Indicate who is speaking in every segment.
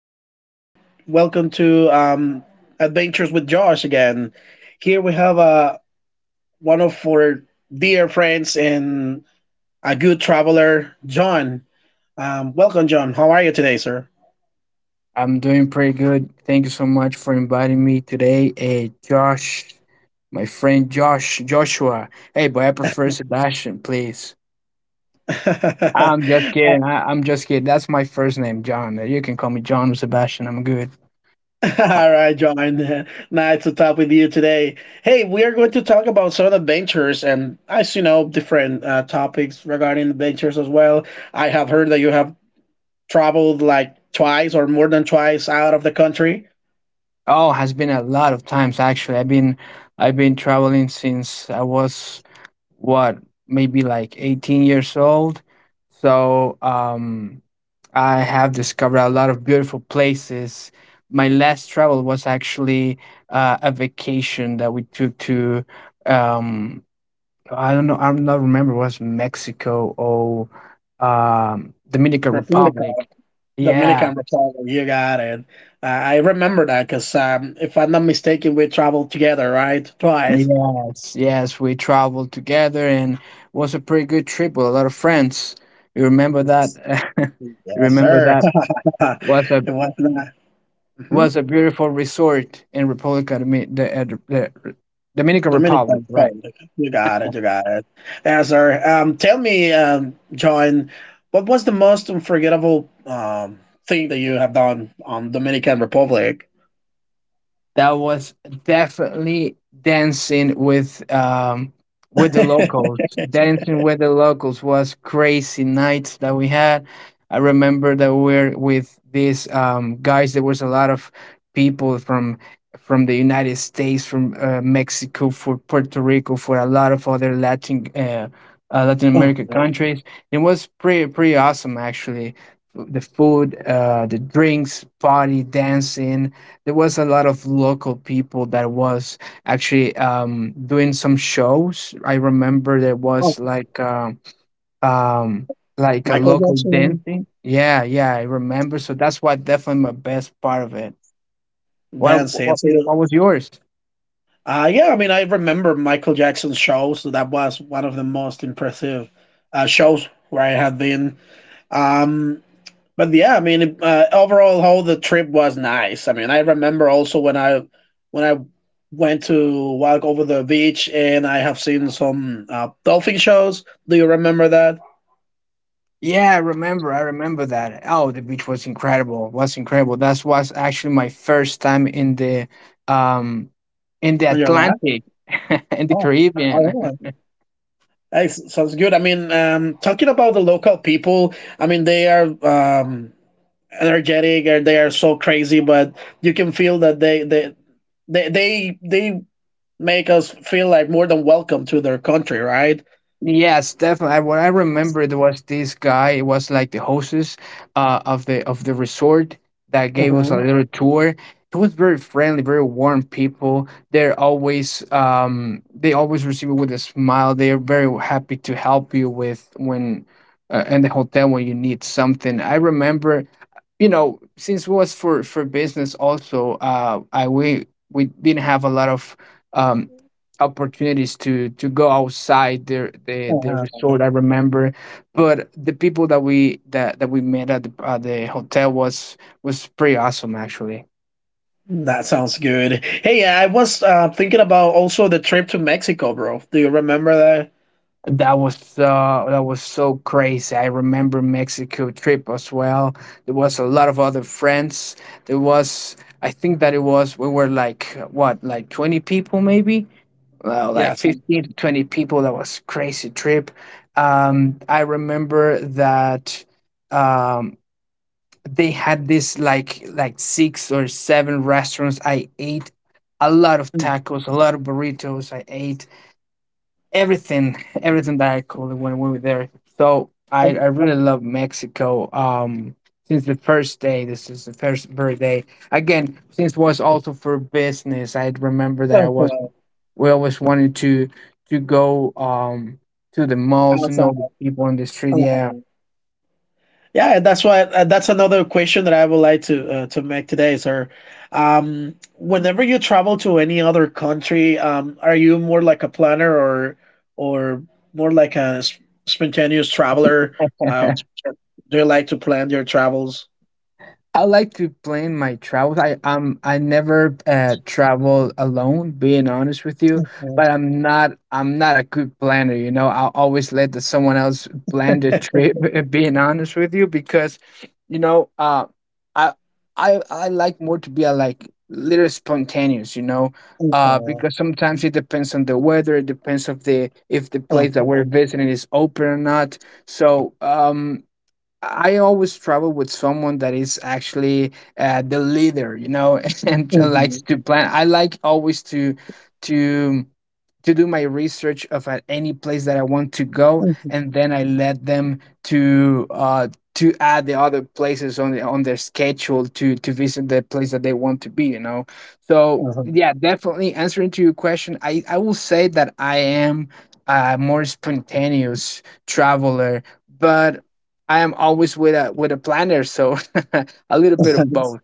Speaker 1: Welcome to Adventures with Josh again. Here we have one of our dear friends and a good traveler, John. Welcome, John. How are you today, sir?
Speaker 2: I'm doing pretty good. Thank you so much for inviting me today. Hey, Josh, my friend Josh, Joshua. Hey, but I prefer Sebastian, please. I'm just kidding. I'm just kidding. That's my first name, John. You can call me John or Sebastian. I'm good.
Speaker 1: All right, John. Nice to talk with you today. Hey, we are going to talk about some adventures and, as you know, different topics regarding adventures as well. I have heard that you have traveled like twice or more than twice out of the country.
Speaker 2: Oh, has been a lot of times actually. I've been traveling since I was what maybe like 18 years old, so I have discovered a lot of beautiful places. My last travel was actually a vacation that we took to um I don't know, I'm not remember it was Mexico or Dominican
Speaker 1: Republica,
Speaker 2: Republic. Yeah,
Speaker 1: Dominican Republic. You got it. I remember that because if I'm not mistaken, we traveled together, right? Twice.
Speaker 2: yes, yes, we traveled together and was a pretty good trip with a lot of friends. You remember that? You
Speaker 1: Yes,
Speaker 2: remember
Speaker 1: sir.
Speaker 2: that
Speaker 1: It
Speaker 2: was a
Speaker 1: was not. hmm
Speaker 2: beautiful resort in the Dominican Republic,
Speaker 1: Dominican
Speaker 2: right?
Speaker 1: Republic. You got it. You got it. Yes, sir. Tell me, John, what was the most unforgettable thing that you have done on Dominican Republic?
Speaker 2: That was definitely dancing with the locals. Dancing with the locals was crazy nights that we had. I remember that we were with these guys. There was a lot of people from the United States, from Mexico, for Puerto Rico, for a lot of other Latin Latin
Speaker 1: oh,
Speaker 2: American countries. It was pretty awesome actually. The food, the drinks, party, dancing. There was a lot of local people that was actually doing some shows. I remember there
Speaker 1: oh,
Speaker 2: was um like a
Speaker 1: Michael
Speaker 2: local
Speaker 1: Jackson.
Speaker 2: dancing. Yeah, yeah, I remember, so that's why definitely my best part of it. what
Speaker 1: Dan Sansi.
Speaker 2: what was yours?
Speaker 1: Yeah, I mean, I remember Michael Jackson's show, so that was one of the most impressive shows where I had been. Um, but yeah, I mean, overall, whole the trip was nice. I mean, I remember also when I went to walk over the beach, and I have seen some dolphin shows. Do you remember that
Speaker 2: Yeah, I remember, I remember that. Oh, the beach was incredible, was incredible. That was actually my first time um in the
Speaker 1: on your life?
Speaker 2: Atlantic. In the
Speaker 1: Oh,
Speaker 2: Caribbean.
Speaker 1: oh yeah. Hey, sounds good. I mean, talking about the local people, I mean, they are. Energetic or they are so crazy, but you can feel that they make us feel like more than welcome to their country, right?
Speaker 2: Yes, definitely. What I remembered was this guy. It was like the hostess of the resort that gave us a
Speaker 1: hmm
Speaker 2: little tour. It was very friendly, very warm people. They're always they always receive you with a smile. They're very happy to help you with when in the hotel when you need something. I remember, you know, since it was for business also, I we didn't have a lot of um opportunities to go outside the the
Speaker 1: Uh-huh.
Speaker 2: resort. I remember, but the people that we that we met at the hotel was pretty awesome actually.
Speaker 1: That sounds good. Hey, I was thinking about also the trip to Mexico, bro. Do you remember that?
Speaker 2: That was that was so crazy. I remember Mexico trip as well. There was a lot of other friends. There was, I think that it was, we were like what, like 20 people maybe. Well, like
Speaker 1: Yeah.
Speaker 2: 15 to 20 people. That was crazy trip. I remember that um, they had this like six or seven restaurants. I ate a lot of
Speaker 1: Mhm.
Speaker 2: tacos, a lot of burritos. I ate everything, everything that I could when we were there. So I really love Mexico. Since the first day, this is the first birthday. Again, since was also for business, I remember that I
Speaker 1: Awesome.
Speaker 2: was we always wanted to go to the malls and
Speaker 1: Awesome.
Speaker 2: all the people on the street. Yeah.
Speaker 1: Uh-huh. Yeah, that's why that's another question that I would like to make today, sir. Whenever you travel to any other country, are you more like a planner or or more like a spontaneous traveler? Uh, do you like to plan your travels?
Speaker 2: I like to plan my travels. I never travel alone, being honest with you. But I'm not a good planner, you know. I'll always let someone else plan the trip. Being honest with you, because, you know, I I like more to be a, like, little spontaneous, you know. Because sometimes it depends on the weather. It depends of the if the place that we're
Speaker 1: Mhm,
Speaker 2: visiting is open or not. So I always travel with someone that is actually the leader, you know, and likes
Speaker 1: mhm,
Speaker 2: to plan. I like always to to to do my research of at any place that I want to go,
Speaker 1: mhm,
Speaker 2: and then I let them to uh, to add the other places on the, on their schedule to visit the place that they want to be, you know. So
Speaker 1: mhm,
Speaker 2: yeah, definitely answering to your question, I will say that I am a more spontaneous traveler, but I am always with a planner, so a little bit of
Speaker 1: mhm.
Speaker 2: both.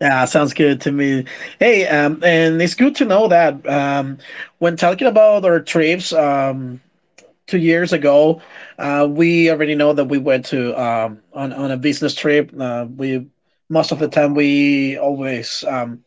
Speaker 1: Yeah, sounds good to me. Hey, and it's good to know that when talking about our trips, 2 years ago, we already know that we went to on a business trip. We most of the time we always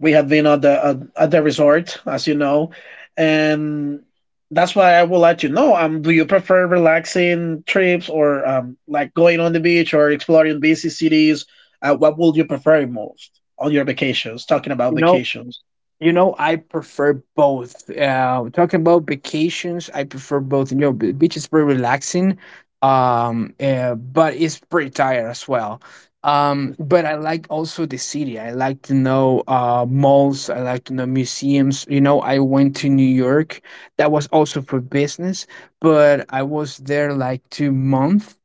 Speaker 1: we had been at the at the resort, as you know, and that's why I will let you know. Do you prefer relaxing trips or like going on the beach or exploring busy cities? What would you prefer most on your vacations? Talking about
Speaker 2: You know,
Speaker 1: vacations.
Speaker 2: you know, I prefer both. Talking about vacations, I prefer both. You know, beach is pretty relaxing, but it's pretty tired as well. But I like also the city. I like to know malls. I like to know museums. You know, I went to New York. That was also for business, but I was there like 2 months,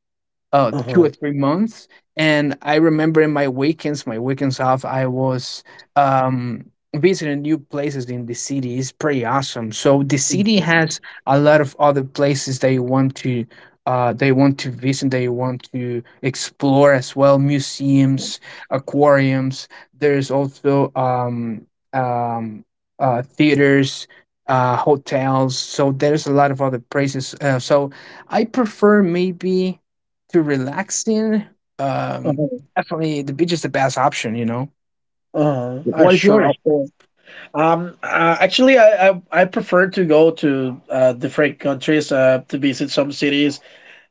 Speaker 1: Uh
Speaker 2: two
Speaker 1: huh.
Speaker 2: or three months. And I remember in my weekends off, I was um, visiting new places in the city. It's pretty awesome. So the city has a lot of other places that you want to. They want to visit. They want to explore as well. Museums, aquariums. There's also um, theaters, hotels. So there's a lot of other places. So I prefer maybe to relaxing,
Speaker 1: Uh
Speaker 2: um,
Speaker 1: huh.
Speaker 2: definitely the beach is the best option, you know.
Speaker 1: Uh huh. I
Speaker 2: What is
Speaker 1: sure
Speaker 2: yours?
Speaker 1: of course. Actually, I prefer to go to different countries to visit some cities.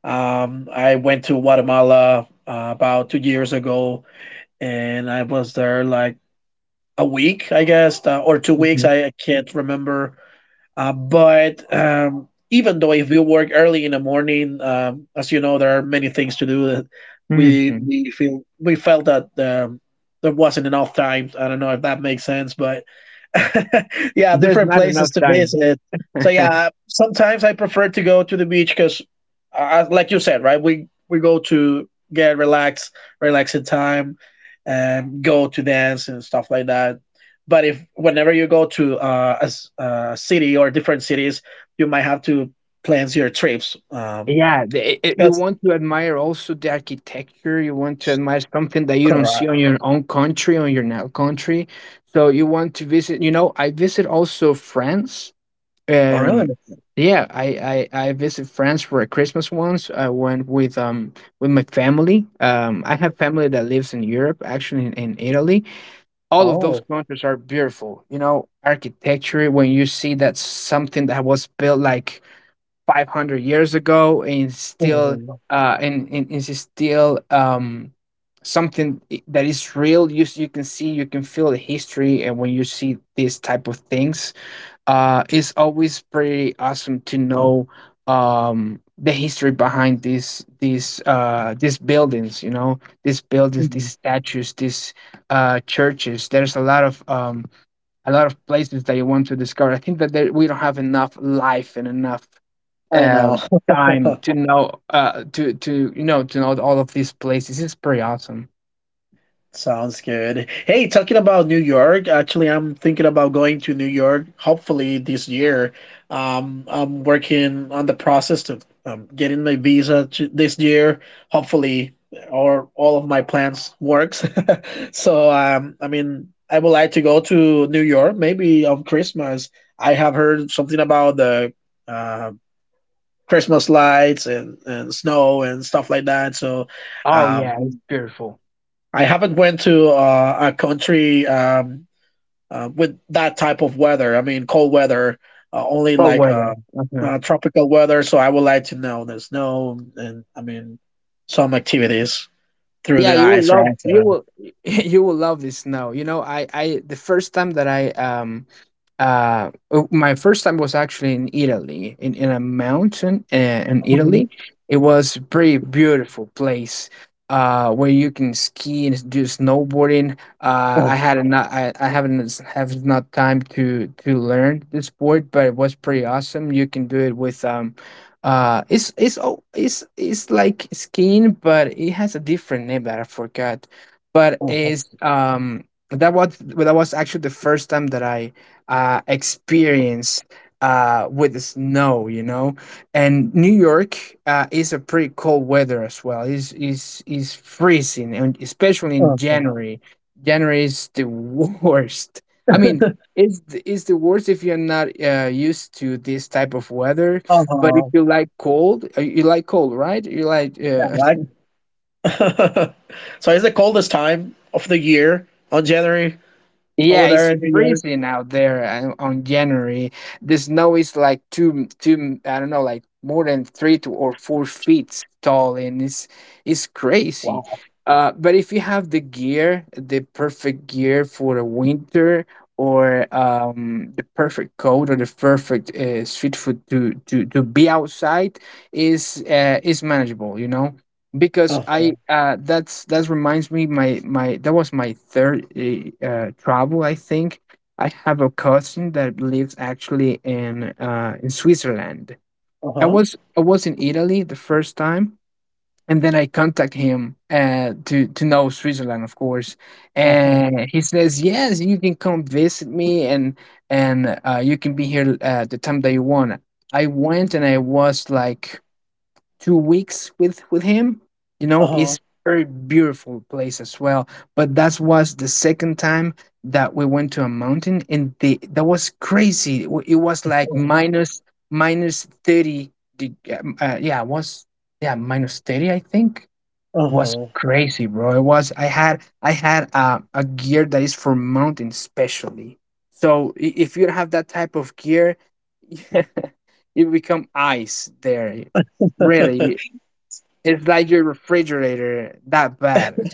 Speaker 1: I went to Guatemala about 2 years ago, and I was there like a week, I guess, or 2 weeks.
Speaker 2: Mm-hmm.
Speaker 1: I can't remember. But even though if you work early in the morning, as you know, there are many things to do. We
Speaker 2: Mm-hmm.
Speaker 1: we feel we felt that there wasn't enough time. I don't know if that makes sense, but yeah,
Speaker 2: There's
Speaker 1: different
Speaker 2: not
Speaker 1: places
Speaker 2: enough
Speaker 1: to
Speaker 2: time.
Speaker 1: visit. So yeah, sometimes I prefer to go to the beach because, like you said, right? We go to get relaxed, relaxing time, and go to dance and stuff like that. But if whenever you go to a city or different cities, you might have to plan your trips. Um,
Speaker 2: Yeah, you
Speaker 1: because
Speaker 2: want to admire also the architecture. You want to admire something that you don't see on
Speaker 1: correct.
Speaker 2: your own country, on your now country. So you want to visit. You know, I visit also France.
Speaker 1: Oh
Speaker 2: Um,
Speaker 1: really?
Speaker 2: yeah, I visit France for a Christmas once. I went with my family. I have family that lives in Europe, actually in Italy. All of those
Speaker 1: Oh.
Speaker 2: countries are beautiful. You know, architecture. When you see that something that was built like 500 years ago and still
Speaker 1: Mhm.
Speaker 2: and is still that is real. You can see, you can feel the history, and when you see these type of things, it's always pretty awesome to know, the history behind these buildings. You know, these buildings, these
Speaker 1: Mhm.
Speaker 2: statues, these churches. There's a lot of, a lot of places that you want to discover. I think that there, we don't have enough life and enough,
Speaker 1: I know.
Speaker 2: um, time to know, to you know, to know all of these places. It's pretty awesome.
Speaker 1: Sounds good. Hey, talking about New York, actually, I'm thinking about going to New York, hopefully this year. I'm working on the process to getting my visa to this year, hopefully, or all of my plans works. So, I mean, I would like to go to New York, maybe on Christmas. I have heard something about the uh, Christmas lights and snow and stuff like that. So,
Speaker 2: Oh yeah, it's
Speaker 1: um,
Speaker 2: beautiful.
Speaker 1: I haven't went to a country with that type of weather. I mean, cold weather, only
Speaker 2: Cold
Speaker 1: like
Speaker 2: weather. uh
Speaker 1: tropical weather. So I would like to know the snow and I mean some activities through
Speaker 2: Yeah,
Speaker 1: the
Speaker 2: you will
Speaker 1: ice,
Speaker 2: love,
Speaker 1: right?
Speaker 2: you will you will love the snow. You know, I the first time that I oh, my first time was actually in Italy, in a mountain, in
Speaker 1: Mhm.
Speaker 2: Italy. It was a pretty beautiful place, where you can ski and do snowboarding.
Speaker 1: Oh,
Speaker 2: I had not, I haven't have not time to learn the sport, but it was pretty awesome. You can do it with, it's oh, it's like skiing, but it has a different name that I forgot. But
Speaker 1: oh,
Speaker 2: it's that was, that was actually the first time that I, experience, with the snow, you know. And New York, is a pretty cold weather as well. Is freezing, and especially in
Speaker 1: oh, oh,
Speaker 2: January. January is the worst. I mean, it's the worst if you're not, used to this type of weather.
Speaker 1: oh,
Speaker 2: But if
Speaker 1: oh,
Speaker 2: you like cold, you like cold, right? You like,
Speaker 1: I like it. So it's the coldest time of the year on January over
Speaker 2: yeah,
Speaker 1: there
Speaker 2: it's
Speaker 1: in the year.
Speaker 2: freezing out there, on January. The snow is like I don't know, like more than three to or 4 feet tall, and it's crazy.
Speaker 1: Wow.
Speaker 2: But if you have the gear, the perfect gear for the winter, or, the perfect coat, or the perfect, street food to to be outside, is, is manageable, you know, because
Speaker 1: Uh
Speaker 2: I
Speaker 1: huh.
Speaker 2: that's that reminds me my my that was my third, travel, I think. I have a cousin that lives actually in, in Switzerland.
Speaker 1: Uh huh.
Speaker 2: I was in Italy the first time, and then I contact him, to know Switzerland, of course,
Speaker 1: Uh
Speaker 2: and he says yes, you can come visit me, and you can be here, the time that you want. I went and I was like 2 weeks with him. You know,
Speaker 1: huh.
Speaker 2: it's very beautiful place as well. But that was the second time that we went to a mountain, and the that was crazy. It was
Speaker 1: Uh
Speaker 2: like
Speaker 1: huh.
Speaker 2: minus 30. Yeah, it was, yeah, minus 30. I think
Speaker 1: Uh
Speaker 2: it was
Speaker 1: huh.
Speaker 2: crazy, bro. It was. I had, a gear that is for mountain specially. So, if you don't have that type of gear, you become ice there. Really, it's like your refrigerator, that bad.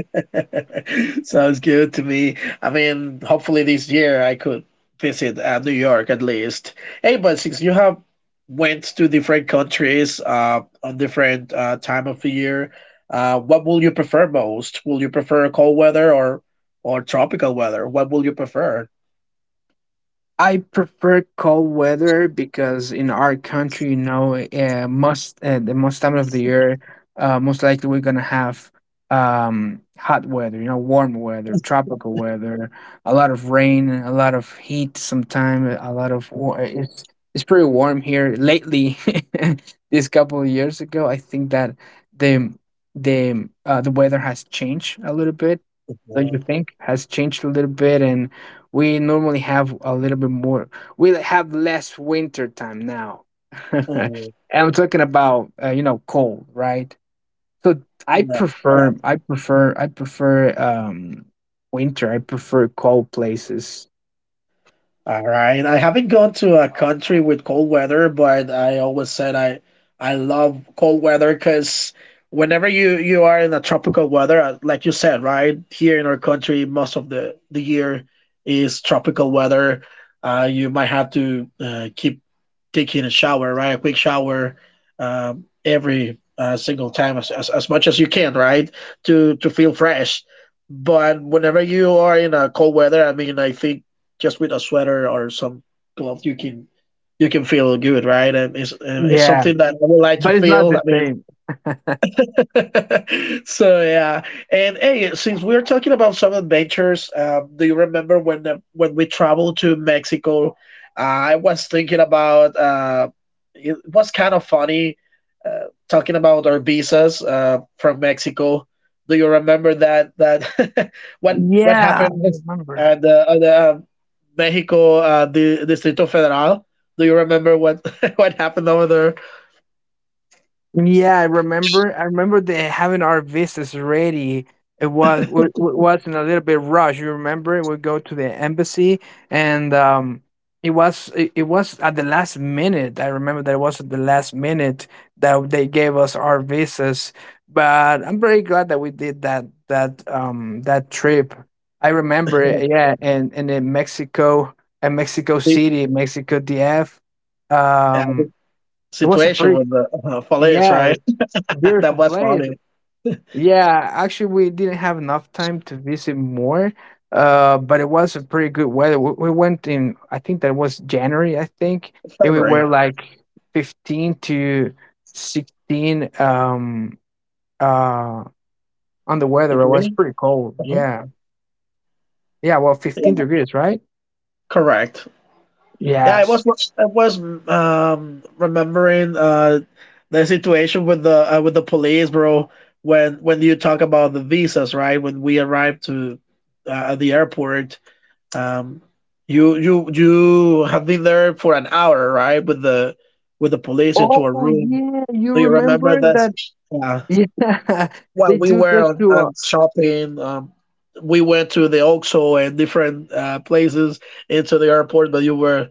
Speaker 1: Sounds good to me. I mean, hopefully this year I could visit New York at least. Hey, but since you have went to different countries on different time of the year, what will you prefer most? Will you prefer cold weather or tropical weather? What will you prefer?
Speaker 2: I prefer cold weather because in our country, most the most time of the year, most likely we're gonna have hot weather, you know, warm weather, tropical weather, a lot of rain, a lot of heat. Sometimes a lot of wa- it's pretty warm here lately. This couple of years ago, I think that the the weather has changed a little bit. Don't you
Speaker 1: Mhm.
Speaker 2: think? Has changed a little bit, and we normally have a little bit more. We have less winter time now.
Speaker 1: Mhm.
Speaker 2: And I'm talking about you know, cold, right? So
Speaker 1: Yeah.
Speaker 2: I prefer winter. I prefer cold places.
Speaker 1: All right. I haven't gone to a country with cold weather, but I always said I love cold weather because whenever you are in a tropical weather, like you said, right? Here in our country, most of the year is tropical weather. You might have to keep taking a shower, right? A quick shower every single time as much as you can, right? To feel fresh. But whenever you are in a cold weather, I mean, I think just with a sweater or some gloves, you can feel good, right? And it's
Speaker 2: Yeah,
Speaker 1: something that I would like to
Speaker 2: but it's not
Speaker 1: feel.
Speaker 2: the
Speaker 1: I mean,
Speaker 2: same.
Speaker 1: so yeah, and hey, since we're talking about some adventures, do you remember when we traveled to Mexico? I was thinking about it was kind of funny talking about our visas from Mexico. Do you remember that what
Speaker 2: Yeah, I
Speaker 1: happened
Speaker 2: remember.
Speaker 1: at at the Mexico the Distrito Federal? Do you remember what what happened over there?
Speaker 2: I remember that having our visas ready. We was in a little bit rush. You remember? We go to the embassy, and it was at the last minute. I remember that it was at the last minute that they gave us our visas. But I'm very glad that we did that trip. I remember
Speaker 1: The,
Speaker 2: it. Yeah, and in Mexico City, Mexico DF.
Speaker 1: the
Speaker 2: Um, it was a
Speaker 1: situation
Speaker 2: pretty,
Speaker 1: with the police,
Speaker 2: yeah,
Speaker 1: right? That
Speaker 2: beautiful
Speaker 1: was
Speaker 2: place.
Speaker 1: funny.
Speaker 2: Yeah, actually, we didn't have enough time to visit more, but it was a pretty good weather. We went in, I think that was January, I think, and we
Speaker 1: February,
Speaker 2: were like 15 to 16, uh, on the weather. It was
Speaker 1: degree.
Speaker 2: pretty cold.
Speaker 1: Uh-huh.
Speaker 2: Yeah. Yeah, well,
Speaker 1: Yeah,
Speaker 2: 15 degrees, right?
Speaker 1: correct. Yeah, I
Speaker 2: Yes.
Speaker 1: was I was um remembering the situation with the police, bro. When you talk about the visas, right? When we arrived to at the airport, um, you have been there for an hour, right? With the police into a
Speaker 2: Oh,
Speaker 1: room.
Speaker 2: yeah. You
Speaker 1: Do you remember
Speaker 2: remember
Speaker 1: that?
Speaker 2: that?
Speaker 1: Yeah.
Speaker 2: Yeah.
Speaker 1: Well,
Speaker 2: They
Speaker 1: we
Speaker 2: took
Speaker 1: were
Speaker 2: us to,
Speaker 1: on shopping. We went to the Oxxo and different places into the airport, but you were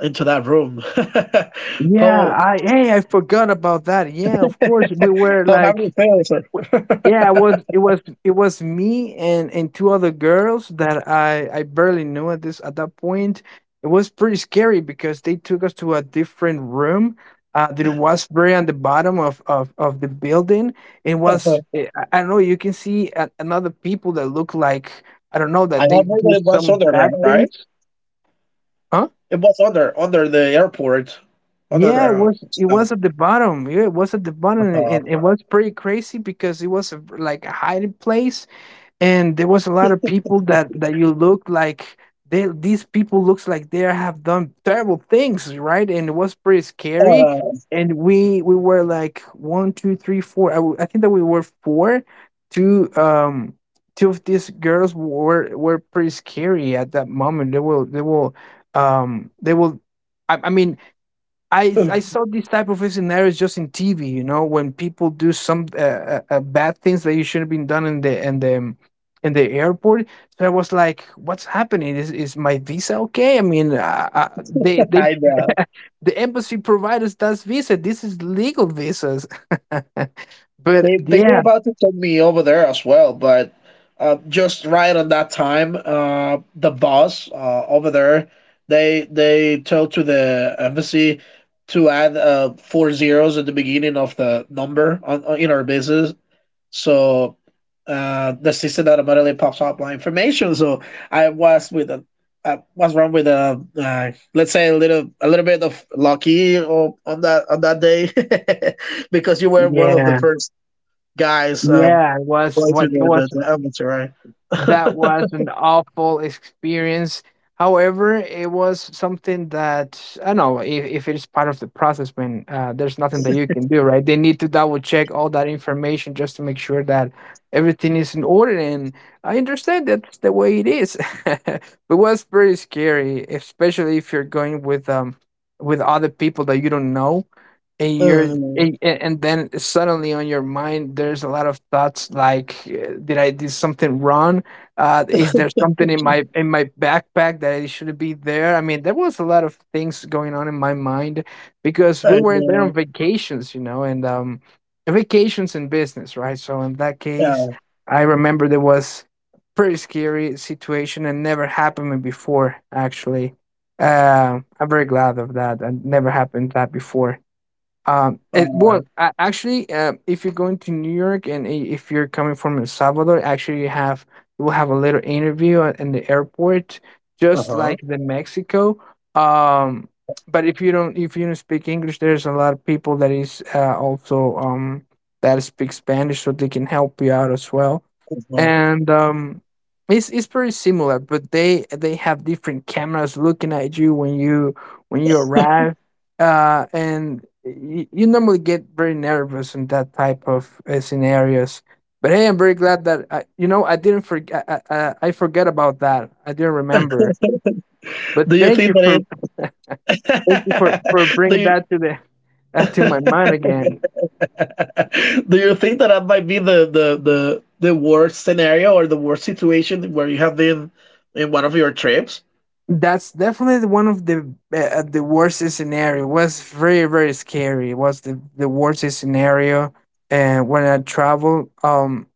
Speaker 1: into that room.
Speaker 2: yeah,
Speaker 1: how
Speaker 2: I, hey, I forgot about that. Yeah, of course. we were
Speaker 1: how have you
Speaker 2: like,
Speaker 1: felt, sir?
Speaker 2: w- yeah, it was me and two other girls that I barely knew at this at that point. It was pretty scary because they took us to a different room. That was very on the bottom of the building. It was I don't know. You can see another people that look like, I don't know,
Speaker 1: I
Speaker 2: that they
Speaker 1: have heard
Speaker 2: do
Speaker 1: that it was
Speaker 2: some bad
Speaker 1: underground, right?
Speaker 2: things.
Speaker 1: It was under the airport,
Speaker 2: Yeah,
Speaker 1: underground.
Speaker 2: it
Speaker 1: So,
Speaker 2: was at the bottom. Yeah, it was at the bottom, and
Speaker 1: uh,
Speaker 2: it was pretty crazy because it was a, like a hiding place, and there was a lot of people that you look like, they, these people looks like they have done terrible things, right? And it was pretty scary.
Speaker 1: uh,
Speaker 2: And we were like one, two, three, four. I think that we were four. Two um two of these girls were pretty scary at that moment. They will they will they will I mean, I saw these type of scenarios just in TV, you know, when people do some bad things that you shouldn't have been done in the in the in the airport. So I was like, "What's happening? Is my visa okay?" I mean, they
Speaker 1: I know.
Speaker 2: the embassy provides us that visa. This is legal visas. but
Speaker 1: They were
Speaker 2: yeah,
Speaker 1: about to send me over there as well, but just right on that time, the boss over there, they told to the embassy to add 4 zeros at the beginning of the number on in our business, so the system automatically pops up my information. So I was with a. I was wrong with a let's say a little bit of lucky on that on that day because you were one of the
Speaker 2: yeah,
Speaker 1: first guys
Speaker 2: yeah. It was
Speaker 1: going through
Speaker 2: what that was
Speaker 1: the elements, right?
Speaker 2: that was an awful experience. However, it was something that I don't know if it is part of the process, man. There's nothing that you can do, right? They need to double check all that information just to make sure that everything is in order. And I understand that's the way it is. But it was pretty scary, especially if you're going with other people that you don't know and
Speaker 1: Mm,
Speaker 2: and then suddenly on your mind there's a lot of thoughts like, did I do something wrong? Is there something in my backpack that it shouldn't be there? I mean, there was a lot of things going on in my mind because we
Speaker 1: I
Speaker 2: were there on
Speaker 1: know.
Speaker 2: vacations, you know, and vacations and business, right? So in that case,
Speaker 1: Yeah.
Speaker 2: I remember there was pretty scary situation and never happened me before. Actually, I'm very glad of that, and never happened that before. It, well,
Speaker 1: Uh,
Speaker 2: actually, if you're going to New York and if you're coming from El Salvador, actually you have, you will have a little interview in the airport, just
Speaker 1: uh-huh.
Speaker 2: like the Mexico. Um, but if you don't speak English, there's a lot of people that is also that speak Spanish, so they can help you out as well.
Speaker 1: Uh-huh.
Speaker 2: And it's pretty similar, but they have different cameras looking at you when you arrive, and you normally get very nervous in that type of scenarios. But hey, I'm very glad that I, you know, I didn't forget. I forget about that. I didn't remember. But
Speaker 1: Do you think that
Speaker 2: thank you for
Speaker 1: it?
Speaker 2: for bringing
Speaker 1: Do
Speaker 2: that to the that to my
Speaker 1: you
Speaker 2: mind again.
Speaker 1: do you think that that might be the the worst scenario or the worst situation where you have been in one of your trips?
Speaker 2: That's definitely one of the worst scenario. It was very, very scary. It was the worst scenario. And when I travel,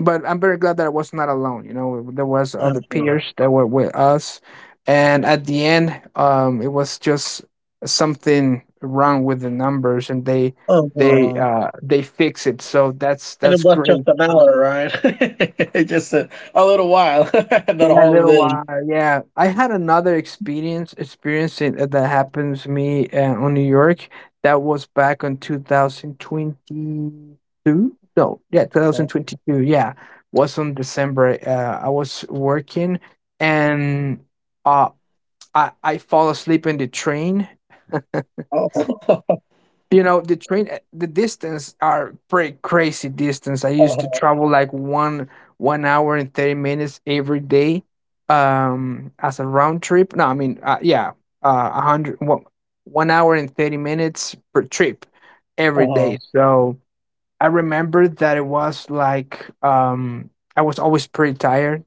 Speaker 2: but I'm very glad that I was not alone. You know, there was other
Speaker 1: Uh-huh.
Speaker 2: peers that were with us, and at the end, it was just something wrong with the numbers, and
Speaker 1: Uh-huh.
Speaker 2: they fix it. So
Speaker 1: And it
Speaker 2: that's
Speaker 1: was just
Speaker 2: great.
Speaker 1: an hour, right? Just a little while, not a
Speaker 2: Yeah, a
Speaker 1: whole
Speaker 2: little
Speaker 1: day.
Speaker 2: while. Yeah, I had another experience experiencing that happened to me on New York. That was back on 2022. No, yeah,
Speaker 1: Uh-huh.
Speaker 2: 2022. Yeah, was on December. I was working and uh, I fall asleep in the train. You know, the train, the distance are pretty crazy distance. I used to
Speaker 1: Uh-huh.
Speaker 2: travel like one hour and 30 minutes every day, as a round trip. No, I mean, a hundred one, 1 hour and 30 minutes per trip every
Speaker 1: Uh-huh.
Speaker 2: day. So I remember that it was like, I was always pretty tired.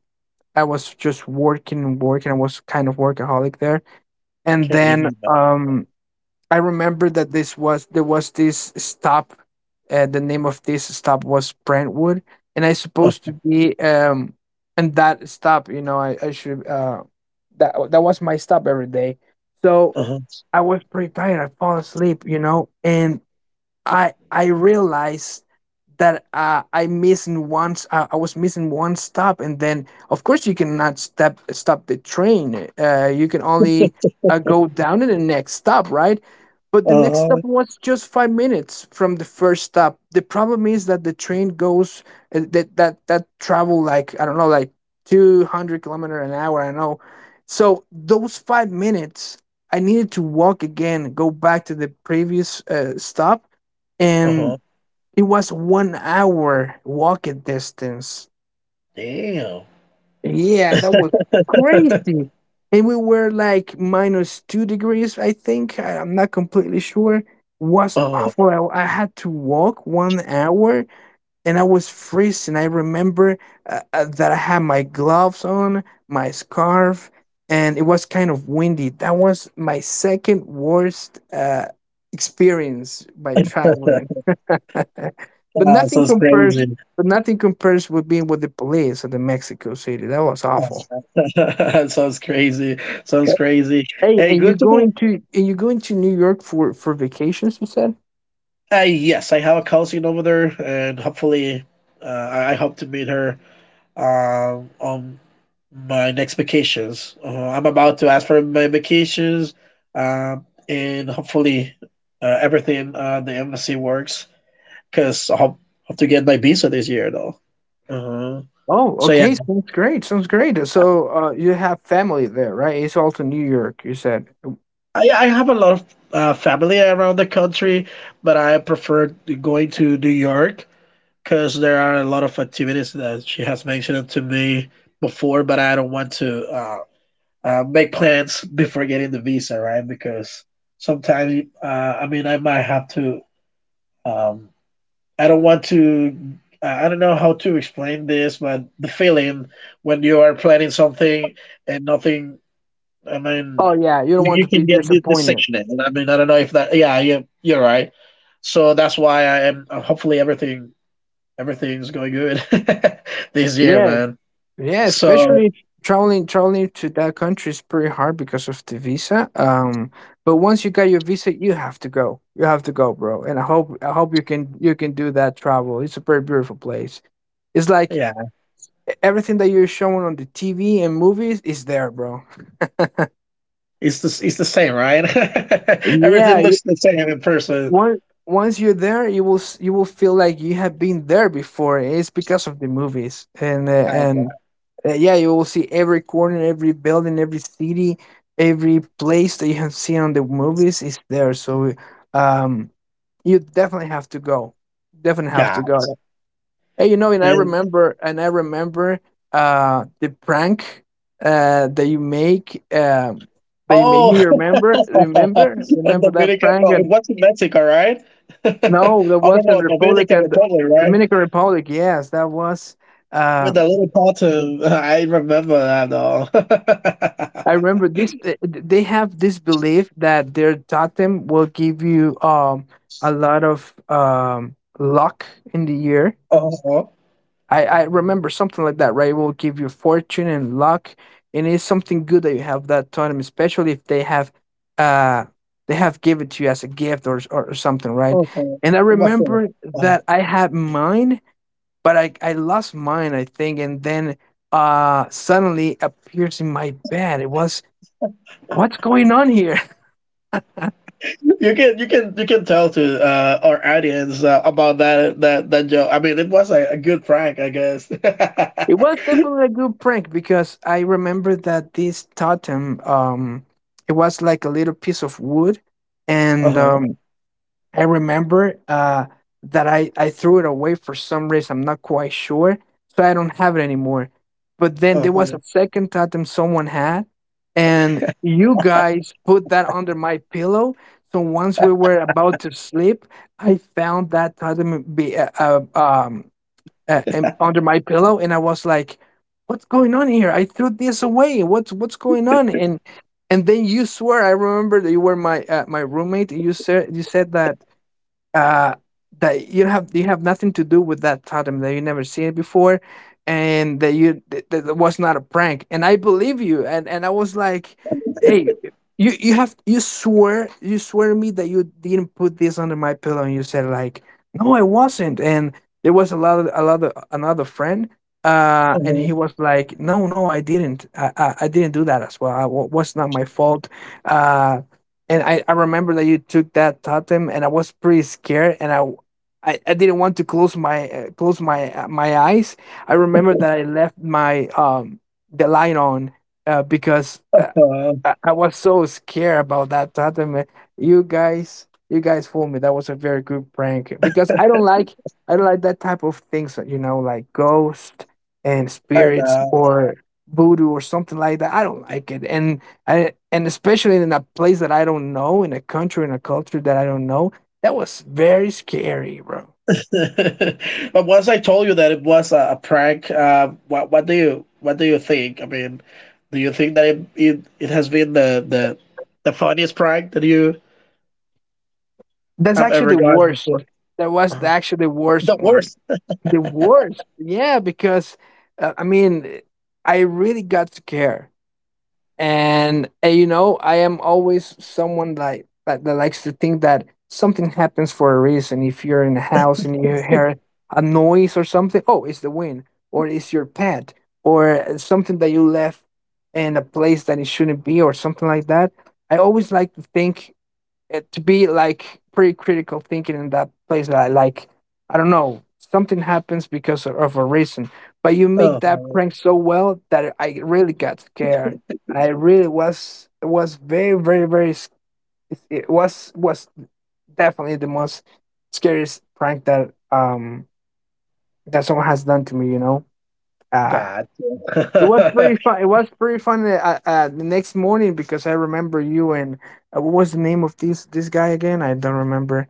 Speaker 2: I was just working and working. I was kind of workaholic there, and
Speaker 1: Can't
Speaker 2: then
Speaker 1: even.
Speaker 2: I remember that this was there was this stop. The name of this stop was Brentwood, and I supposed to be, and that stop. You know, I should, that was my stop every day. So
Speaker 1: Uh-huh.
Speaker 2: I was pretty tired. I fall asleep, you know, and I realized that I was missing one stop, and then of course you cannot stop the train. You can only, go down to the next stop, right? But the next stop
Speaker 1: Uh-huh.
Speaker 2: was just 5 minutes from the first stop. The problem is that the train goes, that travel like, I don't know, like 200 kilometer an hour. I know, so those 5 minutes I needed to walk again, go back to the previous stop, and
Speaker 1: Uh-huh.
Speaker 2: it was 1 hour walking distance.
Speaker 1: Damn.
Speaker 2: Yeah, that was crazy. And we were like minus 2 degrees, I think. I'm not completely sure. Was
Speaker 1: Oh,
Speaker 2: awful. I had to walk 1 hour and I was freezing. I remember that I had my gloves on, my scarf, and it was kind of windy. That was my second worst experience by traveling. But nothing
Speaker 1: sounds
Speaker 2: compares.
Speaker 1: crazy.
Speaker 2: But nothing compares with being with the police at the Mexico City. That was awful.
Speaker 1: Sounds crazy. Sounds crazy.
Speaker 2: Hey,
Speaker 1: Hey, good to know.
Speaker 2: and you're going to New York for vacations? You said.
Speaker 1: Yes, I have a cousin over there, and hopefully, I hope to meet her on my next vacations. I'm about to ask for my vacations, and hopefully, everything the embassy works. Cause I hope to get my visa this year though. Uh-huh.
Speaker 2: Oh,
Speaker 1: So yeah.
Speaker 2: okay. Sounds great. Sounds great. So, you have family there, right? It's also New York, you said.
Speaker 1: I have a lot of family around the country, but I prefer going to New York because there are a lot of activities that she has mentioned to me before, but I don't want to make plans before getting the visa, right? Because sometimes, I mean, I might have to. Um, I don't want to. I don't know how to explain this, but the feeling when you are planning something and nothing I mean,
Speaker 2: Oh, yeah. You don't want
Speaker 1: you
Speaker 2: to be
Speaker 1: can get this the
Speaker 2: disappointed.
Speaker 1: sickness. And I mean, I don't know if that. Yeah, you you're right. So that's why I am. Hopefully, everything's going good this year,
Speaker 2: Yeah.
Speaker 1: man.
Speaker 2: Yeah.
Speaker 1: So
Speaker 2: Especially traveling to that country is pretty hard because of the visa. But once you got your visa, you have to go. You have to go, bro. And I hope you can do that travel. It's a very beautiful place. It's like
Speaker 1: yeah,
Speaker 2: everything that you're showing on the TV and movies is there, bro.
Speaker 1: it's the same, right? Everything
Speaker 2: Yeah,
Speaker 1: looks the same in person.
Speaker 2: once once you're there, you will feel like you have been there before. It's because of the movies and
Speaker 1: I
Speaker 2: yeah, you will see every corner, every building, every city, every place that you have seen on the movies is there. So um you definitely have to go, definitely have
Speaker 1: God
Speaker 2: to go. And you know, and I
Speaker 1: and
Speaker 2: remember and I remember the prank that you make, that you make me
Speaker 1: oh, and
Speaker 2: remember that
Speaker 1: Dominican?
Speaker 2: prank.
Speaker 1: No, it
Speaker 2: And
Speaker 1: was Mexico, right?
Speaker 2: no, that
Speaker 1: Oh no, no,
Speaker 2: wasn't Republic
Speaker 1: Dominican
Speaker 2: and the
Speaker 1: Republic, right?
Speaker 2: Dominican Republic. Yes, that was.
Speaker 1: With the
Speaker 2: Um,
Speaker 1: little cartoon. I remember that all.
Speaker 2: I remember this. They have this belief that their totem will give you a lot of luck in the year.
Speaker 1: Oh,
Speaker 2: I remember something like that. Right, it will give you fortune and luck, and it's something good that you have that totem, especially if they have, uh they have given to you as a gift or or something, right?
Speaker 1: uh
Speaker 2: And I
Speaker 1: what for?
Speaker 2: remember
Speaker 1: Uh,
Speaker 2: that I had mine, but I lost mine, I think, and then suddenly appears in my bed. It was what's going on here?
Speaker 1: you can tell to our audience about that joke. I mean, it was a good prank, I guess.
Speaker 2: It
Speaker 1: Uh-huh.
Speaker 2: was definitely a good prank because I remember that this totem it was like a little piece of wood, and
Speaker 1: Uh-huh.
Speaker 2: I remember that I threw it away for some reason. I'm not quite sure. So I don't have it anymore. But then there was a second item someone had, and you guys put that under my pillow. So once we were about to sleep, I found that item under my pillow, and I was like, "What's going on here? I threw this away. What's going on?" And then you swear. I remember that you were my my roommate. And you said that uh that you have nothing to do with that totem, that you never seen it before, and that that it was not a prank, and I believe you. And and I was like, "Hey, you swear, you swear to me that you didn't put this under my pillow?" And you said like, "No, I wasn't." And there was a lot of another friend, and
Speaker 1: Uh-huh.
Speaker 2: he was like, "No, no, I didn't. I didn't do that as well. I, wa- was not my fault." uh and I remember that you took that totem, and I was pretty scared, and I didn't want to close my my eyes. I remember that I left my the light on, because
Speaker 1: Uh,
Speaker 2: I was so scared about that Tatum, man. You guys fooled me. That was a very good prank, because I don't like that type of things. You know, like ghosts and
Speaker 1: I
Speaker 2: spirits
Speaker 1: know.
Speaker 2: or voodoo or something like that. I don't like it, and especially in a place that I don't know, in a country, in a culture that I don't know. That was very scary, bro.
Speaker 1: But once I told you that it was a prank, what do you what do you think? I mean, do you think that it has been the the funniest prank that you
Speaker 2: That's
Speaker 1: have ever
Speaker 2: actually the
Speaker 1: gotten
Speaker 2: worst.
Speaker 1: before?
Speaker 2: That was the,
Speaker 1: Uh-huh.
Speaker 2: actually the worst
Speaker 1: The
Speaker 2: one.
Speaker 1: worst.
Speaker 2: The worst. Yeah, because I mean, I really got scared, and you know, I am always someone like that, that likes to think that something happens for a reason. If you're in a house and you hear a noise or something, oh, it's the wind, or it's your pet, or something that you left in a place that it shouldn't be, or something like that. I always like to think, it to be like pretty critical thinking in that place, that like I don't know, something happens because of a reason. But you make that
Speaker 1: Oh
Speaker 2: prank so well that I really got scared. I really was very it was definitely the most scariest prank that that someone has done to me, you know. uh
Speaker 1: God.
Speaker 2: it was
Speaker 1: I
Speaker 2: pretty fun, it was pretty fun, the next morning, because I remember you and what was the name of this guy again? I don't remember.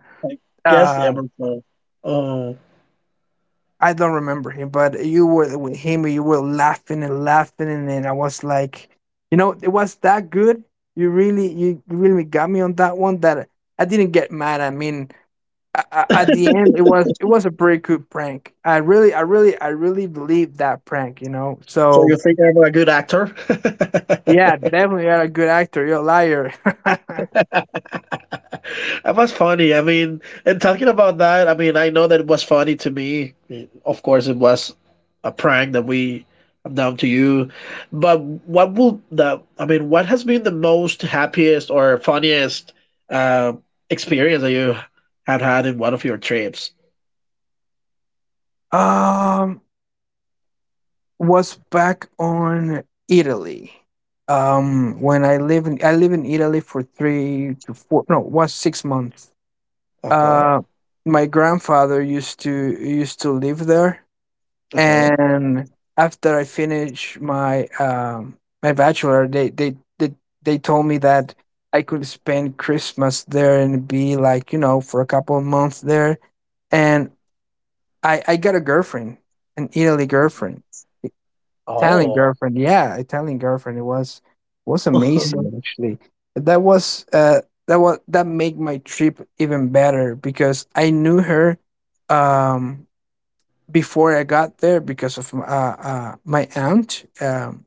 Speaker 1: guess
Speaker 2: uh,
Speaker 1: Emerson. Oh,
Speaker 2: I don't remember him, but you were with him. You were laughing and laughing, and then I was like, you know, it was that good. You really got me on that one. That I didn't get mad. I mean, at the end, it was, it was a pretty good prank. I really, I really, I really believed that prank. You know,
Speaker 1: so you
Speaker 2: so
Speaker 1: think I'm a good actor?
Speaker 2: yeah, definitely you're a good actor. You're a liar.
Speaker 1: It was funny. I mean, and talking about that, I mean, I know that it was funny to me. It- of course, it was a prank that we. I'm down to you. But what will the? I mean, what has been the most happiest or funniest uh, experience that you had had in one of your trips?
Speaker 2: um, was back on Italy. When I live in Italy for three to four, no was 6 months.
Speaker 1: Okay.
Speaker 2: Uh, my grandfather used to live there,
Speaker 1: Uh-huh.
Speaker 2: and after I finished my my bachelor, they told me that I could spend Christmas there and be like, you know, for a couple of months there. And I got a girlfriend, an Italy girlfriend Italian
Speaker 1: Oh.
Speaker 2: girlfriend, yeah, Italian girlfriend. It was amazing, actually. That was that was, that made my trip even better, because I knew her um before I got there because of my, my aunt.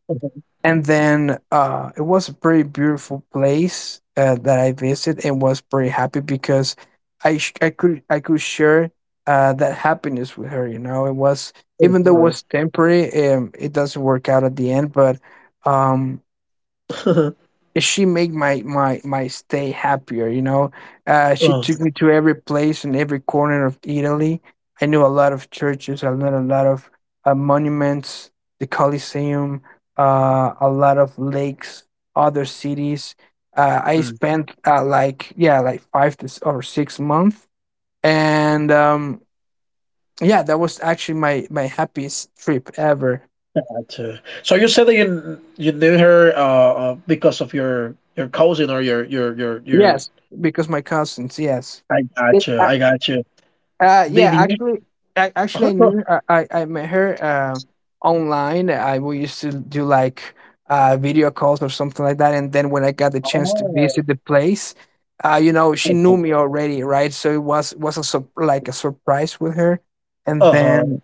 Speaker 2: And then It was a pretty beautiful place that I visited, and was pretty happy because I could, I could share that happiness with her. You know, it was, even though it was temporary, it doesn't work out at the end, but um, she made my stay happier, you know. She
Speaker 1: Oh,
Speaker 2: took me to every place and every corner of Italy. I knew a lot of churches. I learned a lot of monuments, the Colosseum, a lot of lakes, other cities. I
Speaker 1: mm,
Speaker 2: spent five to s- or 6 months, and yeah, that was actually my happiest trip ever.
Speaker 1: gotcha. So you said that you knew her because of your cousin or your.
Speaker 2: Yes, because my cousins, yes.
Speaker 1: I
Speaker 2: Yes.
Speaker 1: got you. I got you.
Speaker 2: Uh, yeah,
Speaker 1: Did you?
Speaker 2: actually, actually, I
Speaker 1: Uh-huh.
Speaker 2: knew I met her online. I We used to do like video calls or something like that. And then when I got the chance to
Speaker 1: Oh,
Speaker 2: visit the place, you know, she knew
Speaker 1: okay.
Speaker 2: me already, right? So it was a like a surprise with her. And
Speaker 1: Uh-huh.
Speaker 2: then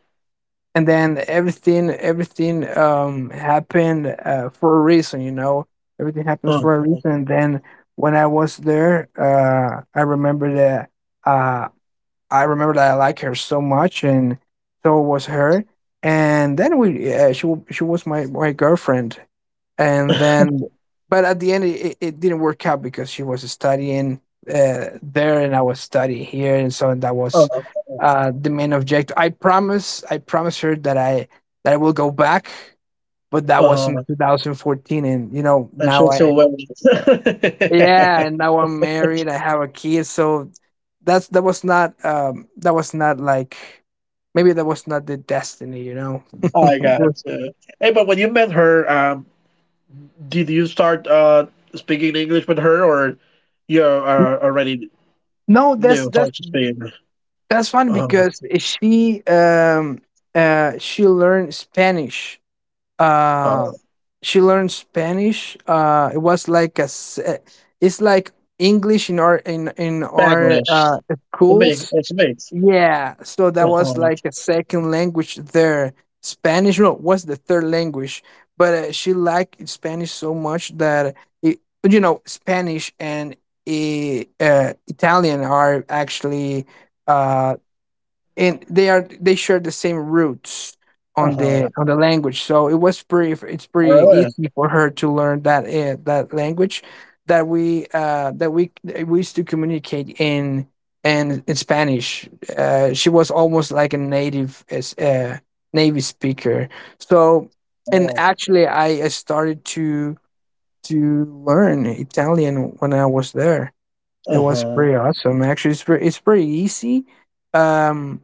Speaker 2: and then everything happened for a reason, you know. Everything happens for a
Speaker 1: Uh-huh.
Speaker 2: reason. And then when I was there, I remember that. uh. I remember that I like her so much, and so was her. And then she was my girlfriend. And then, but at the end, it didn't work out because she was studying there, and I was studying here, and so that was
Speaker 1: Uh-huh.
Speaker 2: the main objective. I promised her that I will go back, but that was
Speaker 1: Uh-huh.
Speaker 2: in 2014, and you know
Speaker 1: And
Speaker 2: now
Speaker 1: she's still well.
Speaker 2: and now I'm married. I have a kid, so that was not like, maybe that was not the destiny, you know.
Speaker 1: I got you. Hey, but when you met her, did you start speaking English with her, or you are already
Speaker 2: No,
Speaker 1: knew how to speak
Speaker 2: that's funny
Speaker 1: uh,
Speaker 2: because she learned Spanish.
Speaker 1: uh,
Speaker 2: Uh she learned Spanish. It was like a it's like English in our
Speaker 1: Spanglish? It's a mix.
Speaker 2: schools.
Speaker 1: It's a mix.
Speaker 2: Yeah, so that was like
Speaker 1: Uh-huh.
Speaker 2: a second language there. Spanish, no, was the third language, but she liked Spanish so much that, it, you know, Spanish and Italian are actually uh and they are, they share the same roots on
Speaker 1: Uh-huh.
Speaker 2: the language, so it was pretty, it's
Speaker 1: Oh,
Speaker 2: pretty
Speaker 1: really?
Speaker 2: easy for her to learn that that language, that we that we used to communicate in Spanish. She was almost like a native as native speaker. So, and
Speaker 1: Oh.
Speaker 2: actually I started to learn Italian when I was there. It was
Speaker 1: Uh-huh.
Speaker 2: pretty awesome. Actually, it's pretty easy. Um,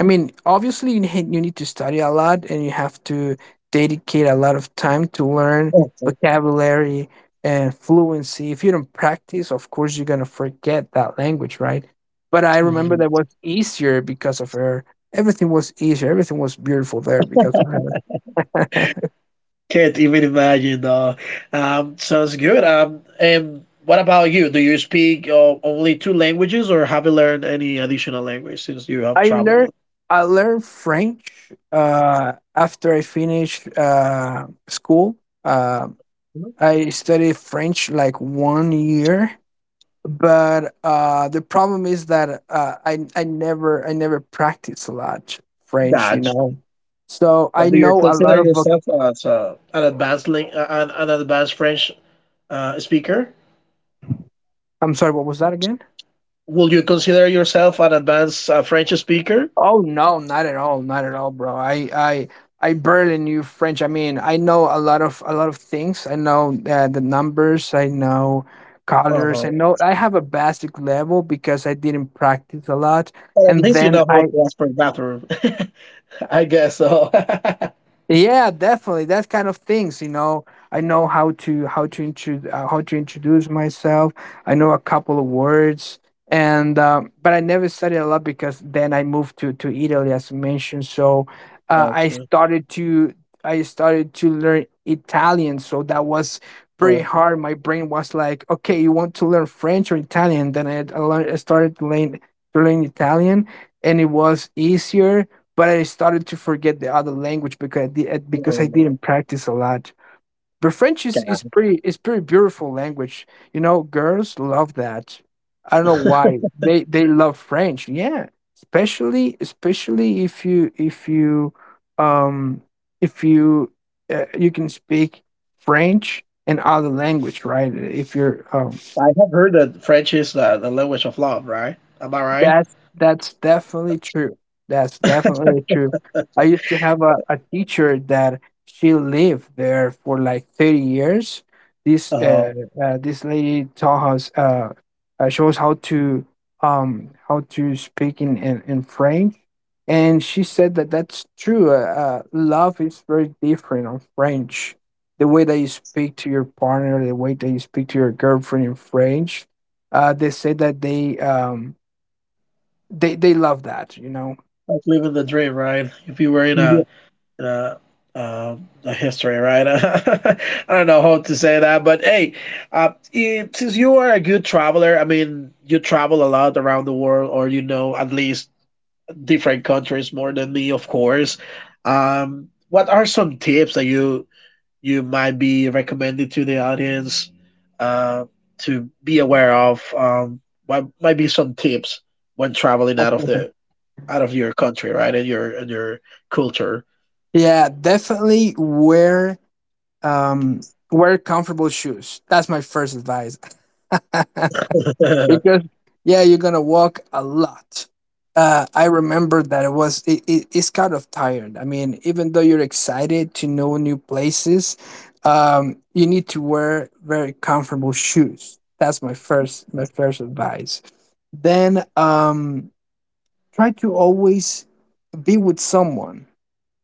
Speaker 2: I mean, obviously, you need to study a lot and you have to dedicate a lot of time to learn
Speaker 1: Okay.
Speaker 2: vocabulary and fluency. If you don't practice, of course, you're going to forget that language, right? But I remember
Speaker 1: Mhm.
Speaker 2: that was easier because of her. Everything was easier. Everything was beautiful there because of her.
Speaker 1: Can't even imagine. Sounds good. And what about you? Do you speak only two languages, or have you learned any additional language since you have
Speaker 2: I learned
Speaker 1: traveled?
Speaker 2: I learned French after I finished school. Uh,
Speaker 1: Mhm.
Speaker 2: I studied French like one year, but the problem is that I never practice a lot French, you
Speaker 1: Gotcha.
Speaker 2: know. So I
Speaker 1: But do you
Speaker 2: know a lot
Speaker 1: consider
Speaker 2: of
Speaker 1: yourself as an advanced French speaker?
Speaker 2: I'm sorry, what was that again?
Speaker 1: Will you consider yourself an advanced French speaker?
Speaker 2: Oh no, not at all, not at all, bro. I barely knew French. I mean, I know a lot of things. I know the numbers. I know colors. I
Speaker 1: Uh-huh.
Speaker 2: know, I have a basic level because I didn't practice a lot,
Speaker 1: Or at
Speaker 2: and
Speaker 1: least you
Speaker 2: then
Speaker 1: know how
Speaker 2: I,
Speaker 1: to ask for a bathroom. I guess so. Gotcha.
Speaker 2: yeah, definitely. That kind of things, you know. I know how to intro how to introduce myself. I know a couple of words, and but I never studied a lot because then I moved to Italy, as mentioned. So uh, I started to I started to learn Italian. So that was pretty
Speaker 1: Oh,
Speaker 2: hard. My brain was like, okay, you want to learn French or Italian? Then I started to learn Italian, and it was easier, but I started to forget the other language because because I
Speaker 1: oh,
Speaker 2: didn't practice a lot. But French is
Speaker 1: God.
Speaker 2: pretty, is pretty beautiful language. You know, girls love that. I don't know why they love French. Yeah, especially, especially if you, if you um if you you can speak French and other language, right? If you're
Speaker 1: I have heard that French is the language of love, right? Am I right?
Speaker 2: that's definitely true. That's definitely true. I used to have a teacher that she lived there for like 30 years. This
Speaker 1: Uh,
Speaker 2: uh, this lady taught us shows how to speak in French. And she said that's true. Love is very different on French. The way that you speak to your partner, the way that you speak to your girlfriend in French, they say that they love that.
Speaker 1: like living the dream, right? If you were in
Speaker 2: Yeah.
Speaker 1: a a history, right? I don't know how to say that, but hey, it, since you are a good traveler, I mean, you travel a lot around the world, or you know at least different countries more than me, of course. What are some tips that you might be recommending to the audience uh, to be aware of? What might be some tips when traveling out of the out of your country, right? And your culture.
Speaker 2: Yeah, definitely um wear comfortable shoes. That's my first advice.
Speaker 1: uh,
Speaker 2: Because yeah, you're gonna walk a lot. I remember that it was it, it, it's kind of tired. I mean, even though you're excited to know new places, you need to wear very comfortable shoes. That's my first advice. Then try to always be with someone.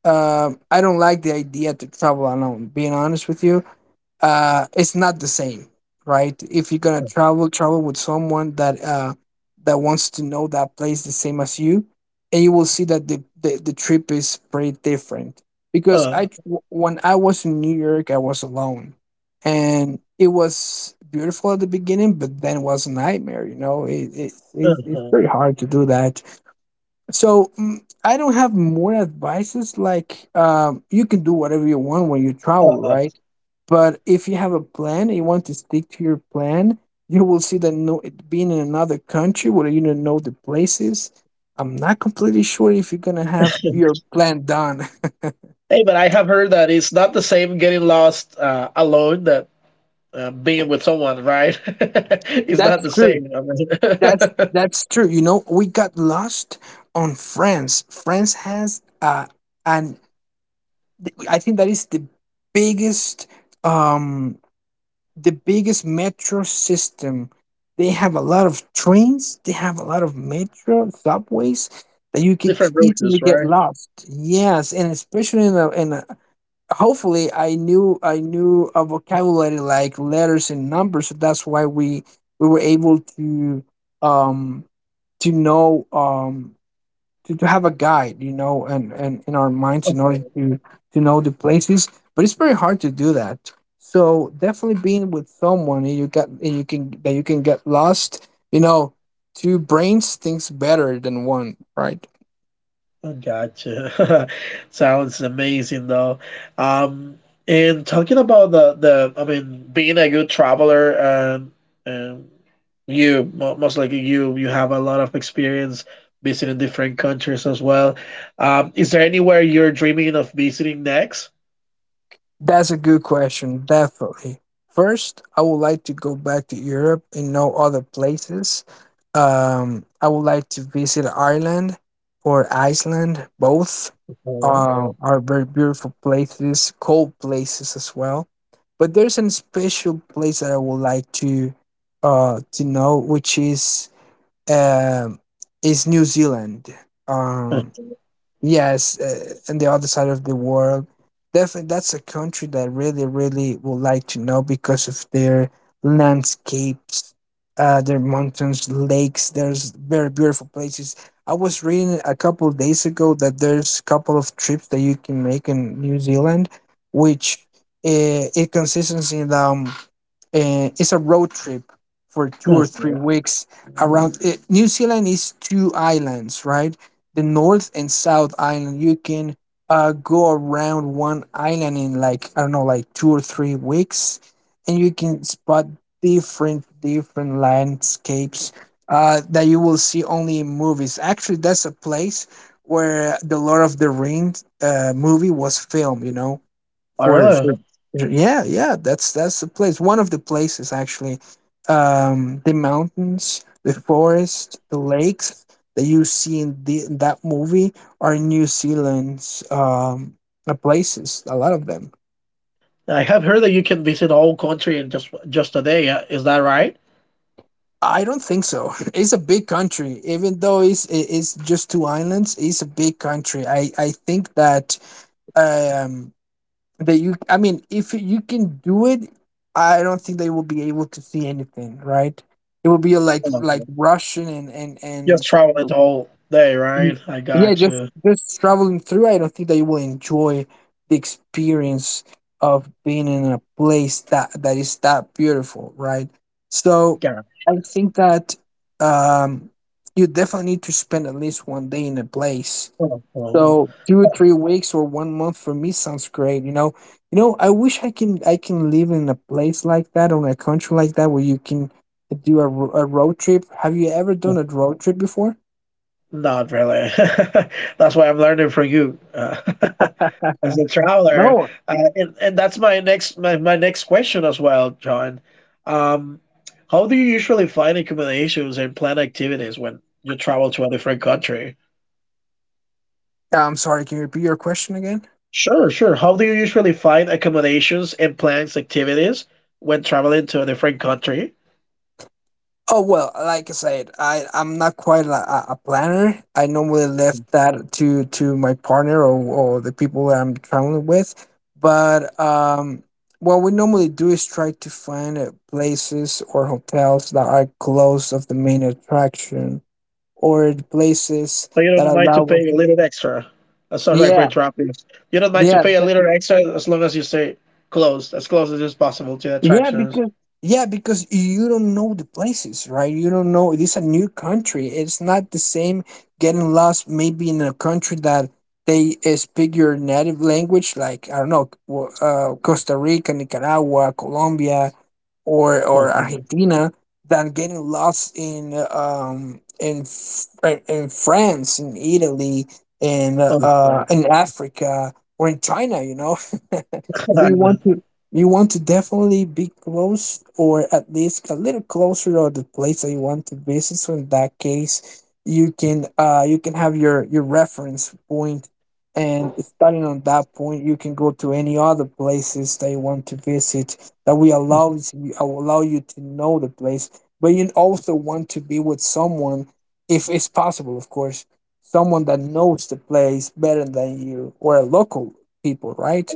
Speaker 2: I don't like the idea to travel alone. Being honest with you, it's not the same, right? If you're gonna travel, travel with someone that wants to know that place the same as you, and you will see that the trip is pretty different. Because
Speaker 1: uh,
Speaker 2: I when I was in New York, I was alone, and it was beautiful at the beginning, but then it was a nightmare. You know, it's
Speaker 1: uh.
Speaker 2: pretty hard to do that, so I don't have more advices. Like you can do whatever you want when you travel, right? But if you have a plan and you want to stick to your plan, you will see that no, it being in another country where you don't know the places. I'm not completely sure if you're gonna have your plan done.
Speaker 1: Hey, but I have heard that it's not the same getting lost alone that being with someone, right? It's
Speaker 2: That's
Speaker 1: not the
Speaker 2: true.
Speaker 1: same. I mean,
Speaker 2: That's true. You know, we got lost on France. And I think that is the biggest um the biggest metro system. They have a lot of trains, they have a lot of metro subways that you could
Speaker 1: different routes,
Speaker 2: easily get
Speaker 1: right?
Speaker 2: lost. Yes, and especially in a hopefully I knew a vocabulary like letters and numbers, so that's why we were able um to know um to have a guide, you know, and in our minds in order to know the places. But it's very hard to do that. So definitely being with someone, and you get and you can that you can get lost, you know, two brains thinks better than one, right?
Speaker 1: Oh, gotcha. Sounds amazing, though. Um, and talking about the, I mean, being a good traveler and. And you most likely you have a lot of experience visiting different countries as well. Is there anywhere you're dreaming of visiting next?
Speaker 2: That's a good question, definitely. First, I would like to go back to Europe and know other places. I would like to visit Ireland or Iceland. Both
Speaker 1: Oh,
Speaker 2: are very beautiful places, cold places as well. But there's a special place that I would like to know, which um, is New Zealand.
Speaker 1: oh,
Speaker 2: Um, Yes, on the other side of the world. Definitely, that's a country that really, really would like to know because of their landscapes, their mountains, lakes. There's very beautiful places. I was reading a couple of days ago that there's a couple of trips that you can make in New Zealand, which it consists in it's a road trip for two or
Speaker 1: oh,
Speaker 2: three weeks around it. New Zealand is two islands, right? The North and South Island. You can go around one island in, like, I don't know, like 2 or 3 weeks, and you can spot different landscapes that you will see only in movies. Actually, that's a place where the Lord of the Rings movie was filmed. You know,
Speaker 1: oh, really?
Speaker 2: for yeah, yeah, that's the place. One of the places, actually. The mountains, the forest, the lakes that you see in that movie are New Zealand's places. A lot of them.
Speaker 1: I have heard that you can visit a whole country in just a day. Is that right?
Speaker 2: I don't think so. It's a big country, even though it's just two islands. It's a big country. I think um that you, I mean, if you can do it, I don't think they will be able to see anything, right? It will be like
Speaker 1: Oh,
Speaker 2: rushing, and and
Speaker 1: just
Speaker 2: and
Speaker 1: travel it all day,
Speaker 2: mm,
Speaker 1: right? I
Speaker 2: yeah,
Speaker 1: got
Speaker 2: just
Speaker 1: you.
Speaker 2: just traveling through. I don't think they will enjoy the experience of being in a place that is that beautiful, right? So
Speaker 1: Yeah.
Speaker 2: I think that um you definitely need to spend at least one day in a place,
Speaker 1: Oh, oh,
Speaker 2: so two, 3 weeks or one month for me sounds great. You know, you know. I wish I can live in a place like that, on a country like that, where you can do a road trip. Have you ever done
Speaker 1: oh.
Speaker 2: a road trip before?
Speaker 1: Not really. That's why I'm learning from you. As a traveler.
Speaker 2: No,
Speaker 1: And that's my next my next question as well, John. Um, how do you usually find accommodations and plan activities when you travel to a different country?
Speaker 2: I'm sorry. Can you repeat your question again?
Speaker 1: Sure, sure. How do you usually find accommodations and plans activities when traveling to a different country?
Speaker 2: Oh well, like I said, I'm not quite a planner. I normally
Speaker 1: So
Speaker 2: left that to my partner or the people that I'm traveling with. But what we normally do is try to find places or hotels that are close of the main attraction or places
Speaker 1: you
Speaker 2: that
Speaker 1: don't mind to
Speaker 2: allow us.
Speaker 1: pay a little extra. Sorry for
Speaker 2: Yeah,
Speaker 1: interrupting. You don't mind to
Speaker 2: yeah,
Speaker 1: pay a little extra as long as you stay close as is possible to the
Speaker 2: yeah,
Speaker 1: attractions.
Speaker 2: because you don't know the places, right? You don't know. It is a new country. It's not the same getting lost maybe in a country that they speak your native language, like I don't know, Costa Rica, Nicaragua, Colombia, or
Speaker 1: Mhm.
Speaker 2: Argentina, than getting lost in France, in Italy,
Speaker 1: Okay.
Speaker 2: in Africa or in China. You know, so
Speaker 1: I
Speaker 2: you want to definitely be close or at least a little closer to the place that you want to visit. So in that case, you can have your reference point, and starting on that point you can go to any other places that you want to visit that will allow you to know the place. But you also want to be with someone, if it's possible, of course, someone that knows the place better than you, or a local people, right?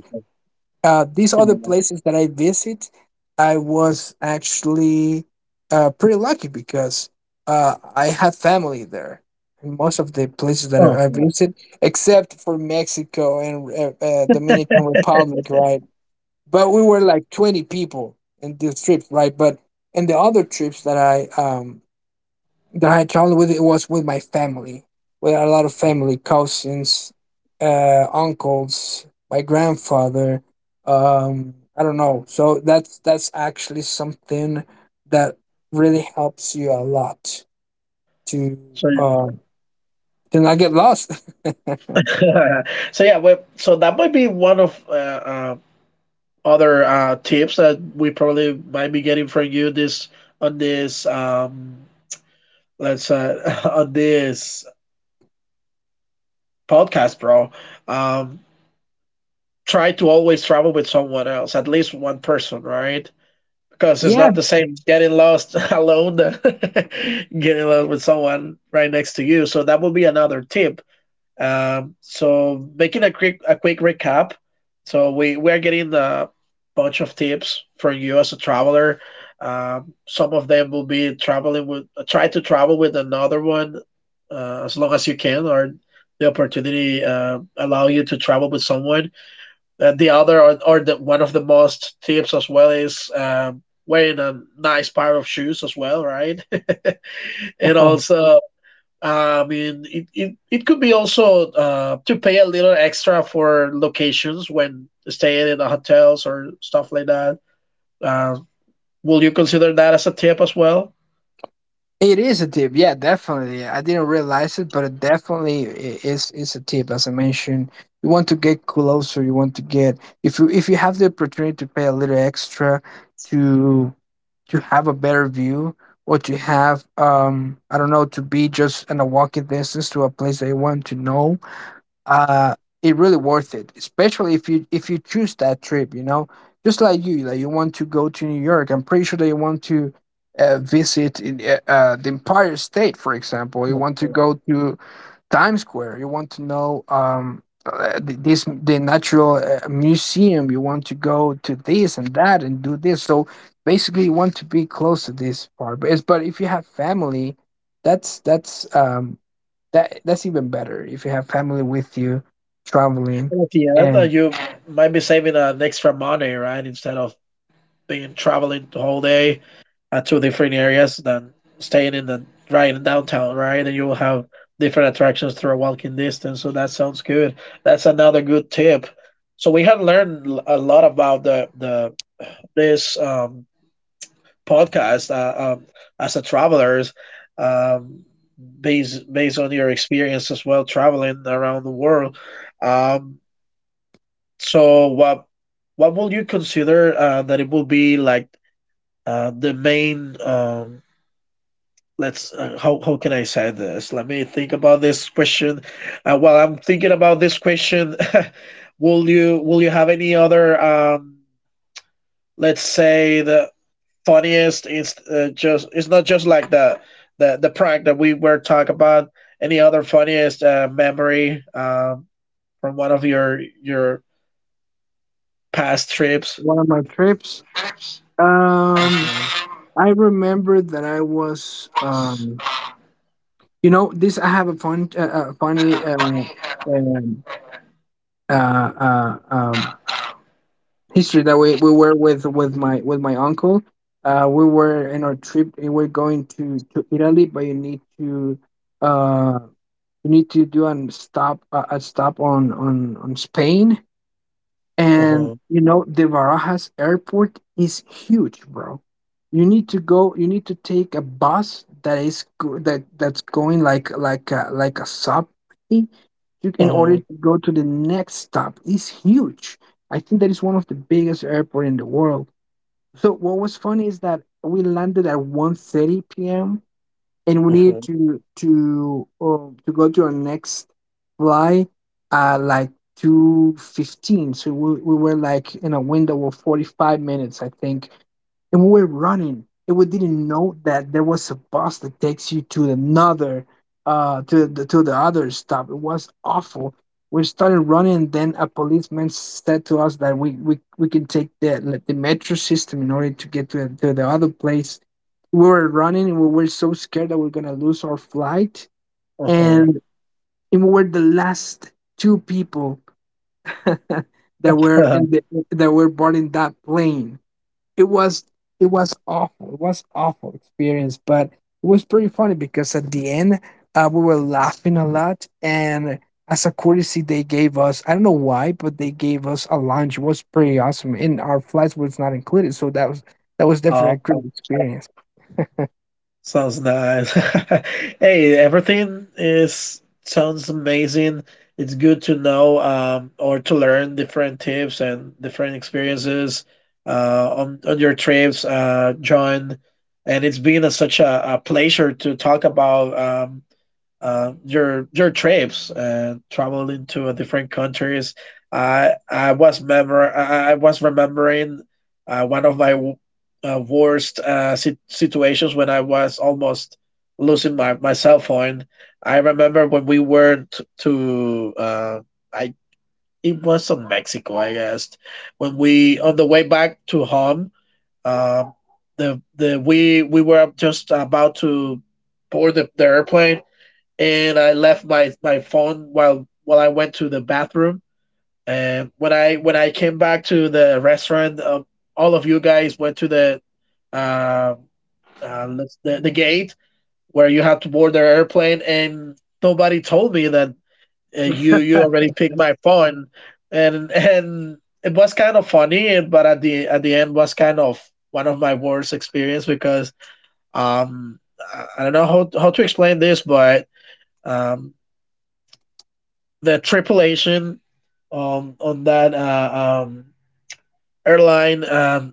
Speaker 2: These other
Speaker 1: know.
Speaker 2: places that I visit, I was actually pretty lucky because I have family there. In most of the places that
Speaker 1: Oh,
Speaker 2: I
Speaker 1: yeah.
Speaker 2: visit, except for Mexico and Dominican Republic, right? But we were like 20 people in this trip, right? But in the other trips that I traveled with, it was with my family, with a lot of family, cousins, uncles, my grandfather. I don't know. So that's actually something that really helps you a lot to
Speaker 1: so
Speaker 2: uh, to not get lost.
Speaker 1: yeah, so yeah, we, so that might be one of other tips that we probably might be getting from you this on this let's on this podcast, bro. Um, Try to always travel with someone else, at least one person, right? Because it's
Speaker 2: Yeah,
Speaker 1: not the same getting lost alone than getting lost with someone right next to you. So that would be another tip. So making a quick recap. So we're getting a bunch of tips from you as a traveler. Some of them will be traveling with try to travel with another one as long as you can, or the opportunity allow you to travel with someone. Or the one of the most tips as well is wearing a nice pair of shoes as well, right? And also I mean, it could be also to pay a little extra for locations when staying in the hotels or stuff like that. Uh, will you consider that as a tip as well?
Speaker 2: it is a tip, yeah, definitely. I didn't realize it, but it definitely is a tip. As I mentioned, you want to get closer. You want to get If you have the opportunity to pay a little extra to to have a better view, or to have, I don't know, to be just in a walking distance to a place that you want to know. uh it really worth it, especially if you choose that trip. You know, just like you want to go to New York. I'm pretty sure that you want to visit the Empire State, for example. You want
Speaker 1: Mhm.
Speaker 2: to go to Times Square. You want to know th- this the natural museum. You want to go to this and that and do this. So basically, you want to be close to this part. But if you have family, that's that's um, that's even better. If you have family with you traveling.
Speaker 1: And at the end,
Speaker 2: And
Speaker 1: you might be saving an extra money, right? Instead of being traveling the whole day, at two different areas than staying in the right in downtown, right? And you will have different attractions through a walking distance. So that sounds good. That's another good tip. So we have learned a lot about the this podcast as a travelers, um, based based on your experience as well traveling around the world. Um, so what will you consider that it will be like the main let's how can I say this? Let me think about this question. While I'm thinking about this question, will you have any other let's say the funniest it's just it's not just like the the prank that we were talking about. Any other funniest memory from one of your past trips?
Speaker 2: one of my trips, Um,
Speaker 1: Okay.
Speaker 2: I remember that I was, this I have a fun, funny, um, uh, uh, um, history that we were with my uncle. We were in our trip. We were going to Italy, but uh you need to do a stop on Spain. And
Speaker 1: Uh-huh.
Speaker 2: you know, the Barajas airport is huge, bro. You need to go. You need to take a bus that that's going like a subway, you- in order
Speaker 1: Uh-huh.
Speaker 2: to go to the next stop. It's huge. I think that is one of the biggest airport in the world. So what was funny is that we landed at 1:30 p.m., and we need to go to our next flight at like 2:15. So we were like in a window of 45 minutes, I think, and we were running, and we didn't know that there was a bus that takes you to another, to the other stop. It was awful. We started running. Then a policeman said to us that we can take the, like, the metro system in order to get to the other place. We were running, and we were so scared that we are gonna lose our flight,
Speaker 1: Uh-huh.
Speaker 2: and, and we were the last two people that were in the that were boarding that plane. it was it was awful. It was awful experience, but it was pretty funny because at the end, we were laughing a lot, and as a courtesy they gave us, I don't know why, but they gave us a lunch. It was pretty awesome, and our flights was not included. So that was definitely a
Speaker 1: Uh-huh.
Speaker 2: great experience.
Speaker 1: Sounds nice. Hey, everything is sounds amazing. It's good to know or to learn different tips and different experiences on your trips, John. And it's been a, such a pleasure to talk about your trips traveling to different countries. I was remembering one of my worst situations when I was almost losing my, my cell phone. I remember when we were t to I it was in Mexico, I guess. When we on the way back to home, um, the we were just about to board the airplane and I left my my phone while I went to the bathroom. And when I came back to the restaurant, all of you guys went to the uh, let's- the gate where you have to board the airplane, and nobody told me that you you already picked my phone, and it was kind of funny, and- but at the end was kind of one of my worst experience because I don't know how to explain this, but um the tripulation on that airline. Um,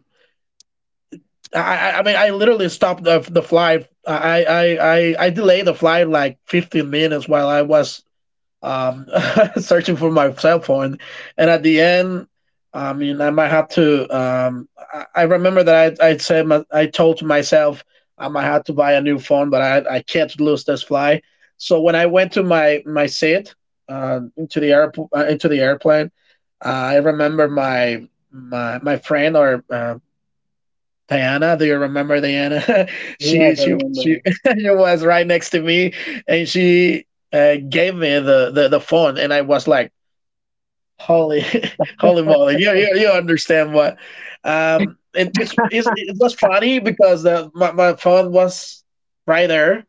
Speaker 1: I, I I mean, I literally stopped the flight. I delayed the flight like 15 minutes while I was um, searching for my cell phone. And at the end, I mean, I might have to. I remember that I said my, I told myself I might have to buy a new phone, but I can't lose this fly. So when I went to my my seat into the airport into the airplane, I remember my friend or Diana, do you remember Diana?
Speaker 2: Yes, I
Speaker 1: She
Speaker 2: remember.
Speaker 1: she was right next to me, and she gave me the phone, and I was like, "Holy, holy moly!" You understand what? And it's, it was funny because the my, my phone was right there,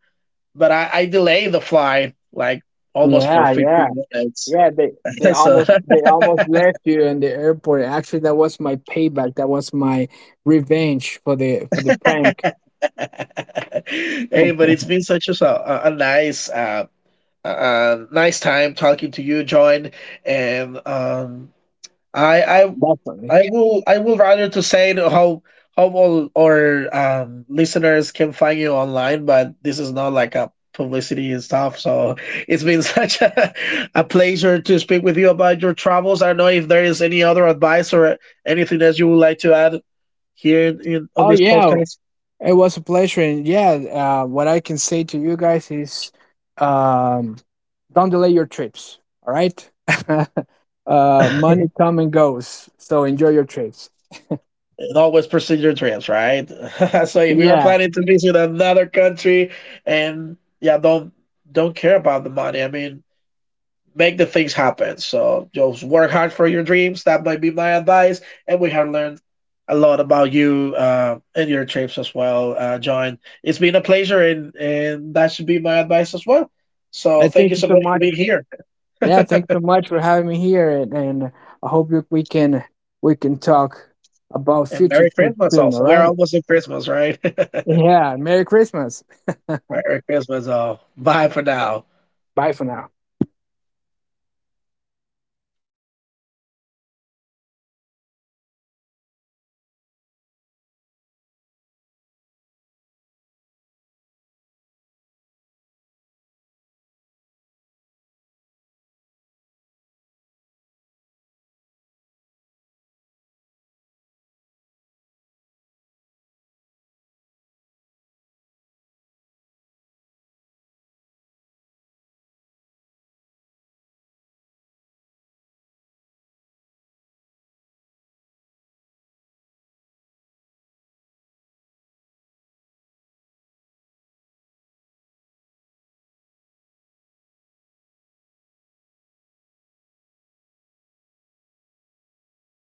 Speaker 1: but I delayed the flight like almost for
Speaker 2: Yeah, yeah,
Speaker 1: 15 minutes.
Speaker 2: yeah. They they
Speaker 1: so,
Speaker 2: almost they almost left you in the airport. Actually, that was my payback. That was my revenge for the prank.
Speaker 1: hey, but it's been such a nice nice time talking to you, John. And I, I,
Speaker 2: Definitely.
Speaker 1: I will rather to say to how all our listeners can find you online, but this is not like a publicity and stuff. So it's been such a, a pleasure to speak with you about your travels. I don't know if there is any other advice or anything that you would like to add here in, on
Speaker 2: Oh
Speaker 1: this
Speaker 2: yeah,
Speaker 1: podcast.
Speaker 2: it was a pleasure. And yeah, what I can say to you guys is, um, don't delay your trips. All right. Money come and goes, so enjoy your trips.
Speaker 1: And always pursue your dreams, right? So if you are
Speaker 2: Yeah,
Speaker 1: planning to visit another country and yeah, don't care about the money. I mean, make the things happen. So just work hard for your dreams. That might be my advice. And we have learned a lot about you and your trips as well, John. It's been a pleasure, and that should be my advice as well. So
Speaker 2: and
Speaker 1: thank you
Speaker 2: thank you
Speaker 1: so
Speaker 2: so
Speaker 1: much for
Speaker 2: much.
Speaker 1: being here,
Speaker 2: Yeah, thanks so much for having me here, and I hope we can talk about
Speaker 1: and
Speaker 2: future
Speaker 1: Merry
Speaker 2: trips
Speaker 1: Christmas
Speaker 2: soon. All
Speaker 1: also. We are
Speaker 2: right?
Speaker 1: almost at Christmas, right?
Speaker 2: Yeah. Merry Christmas.
Speaker 1: Merry Christmas all. Bye for now.
Speaker 2: Bye for now.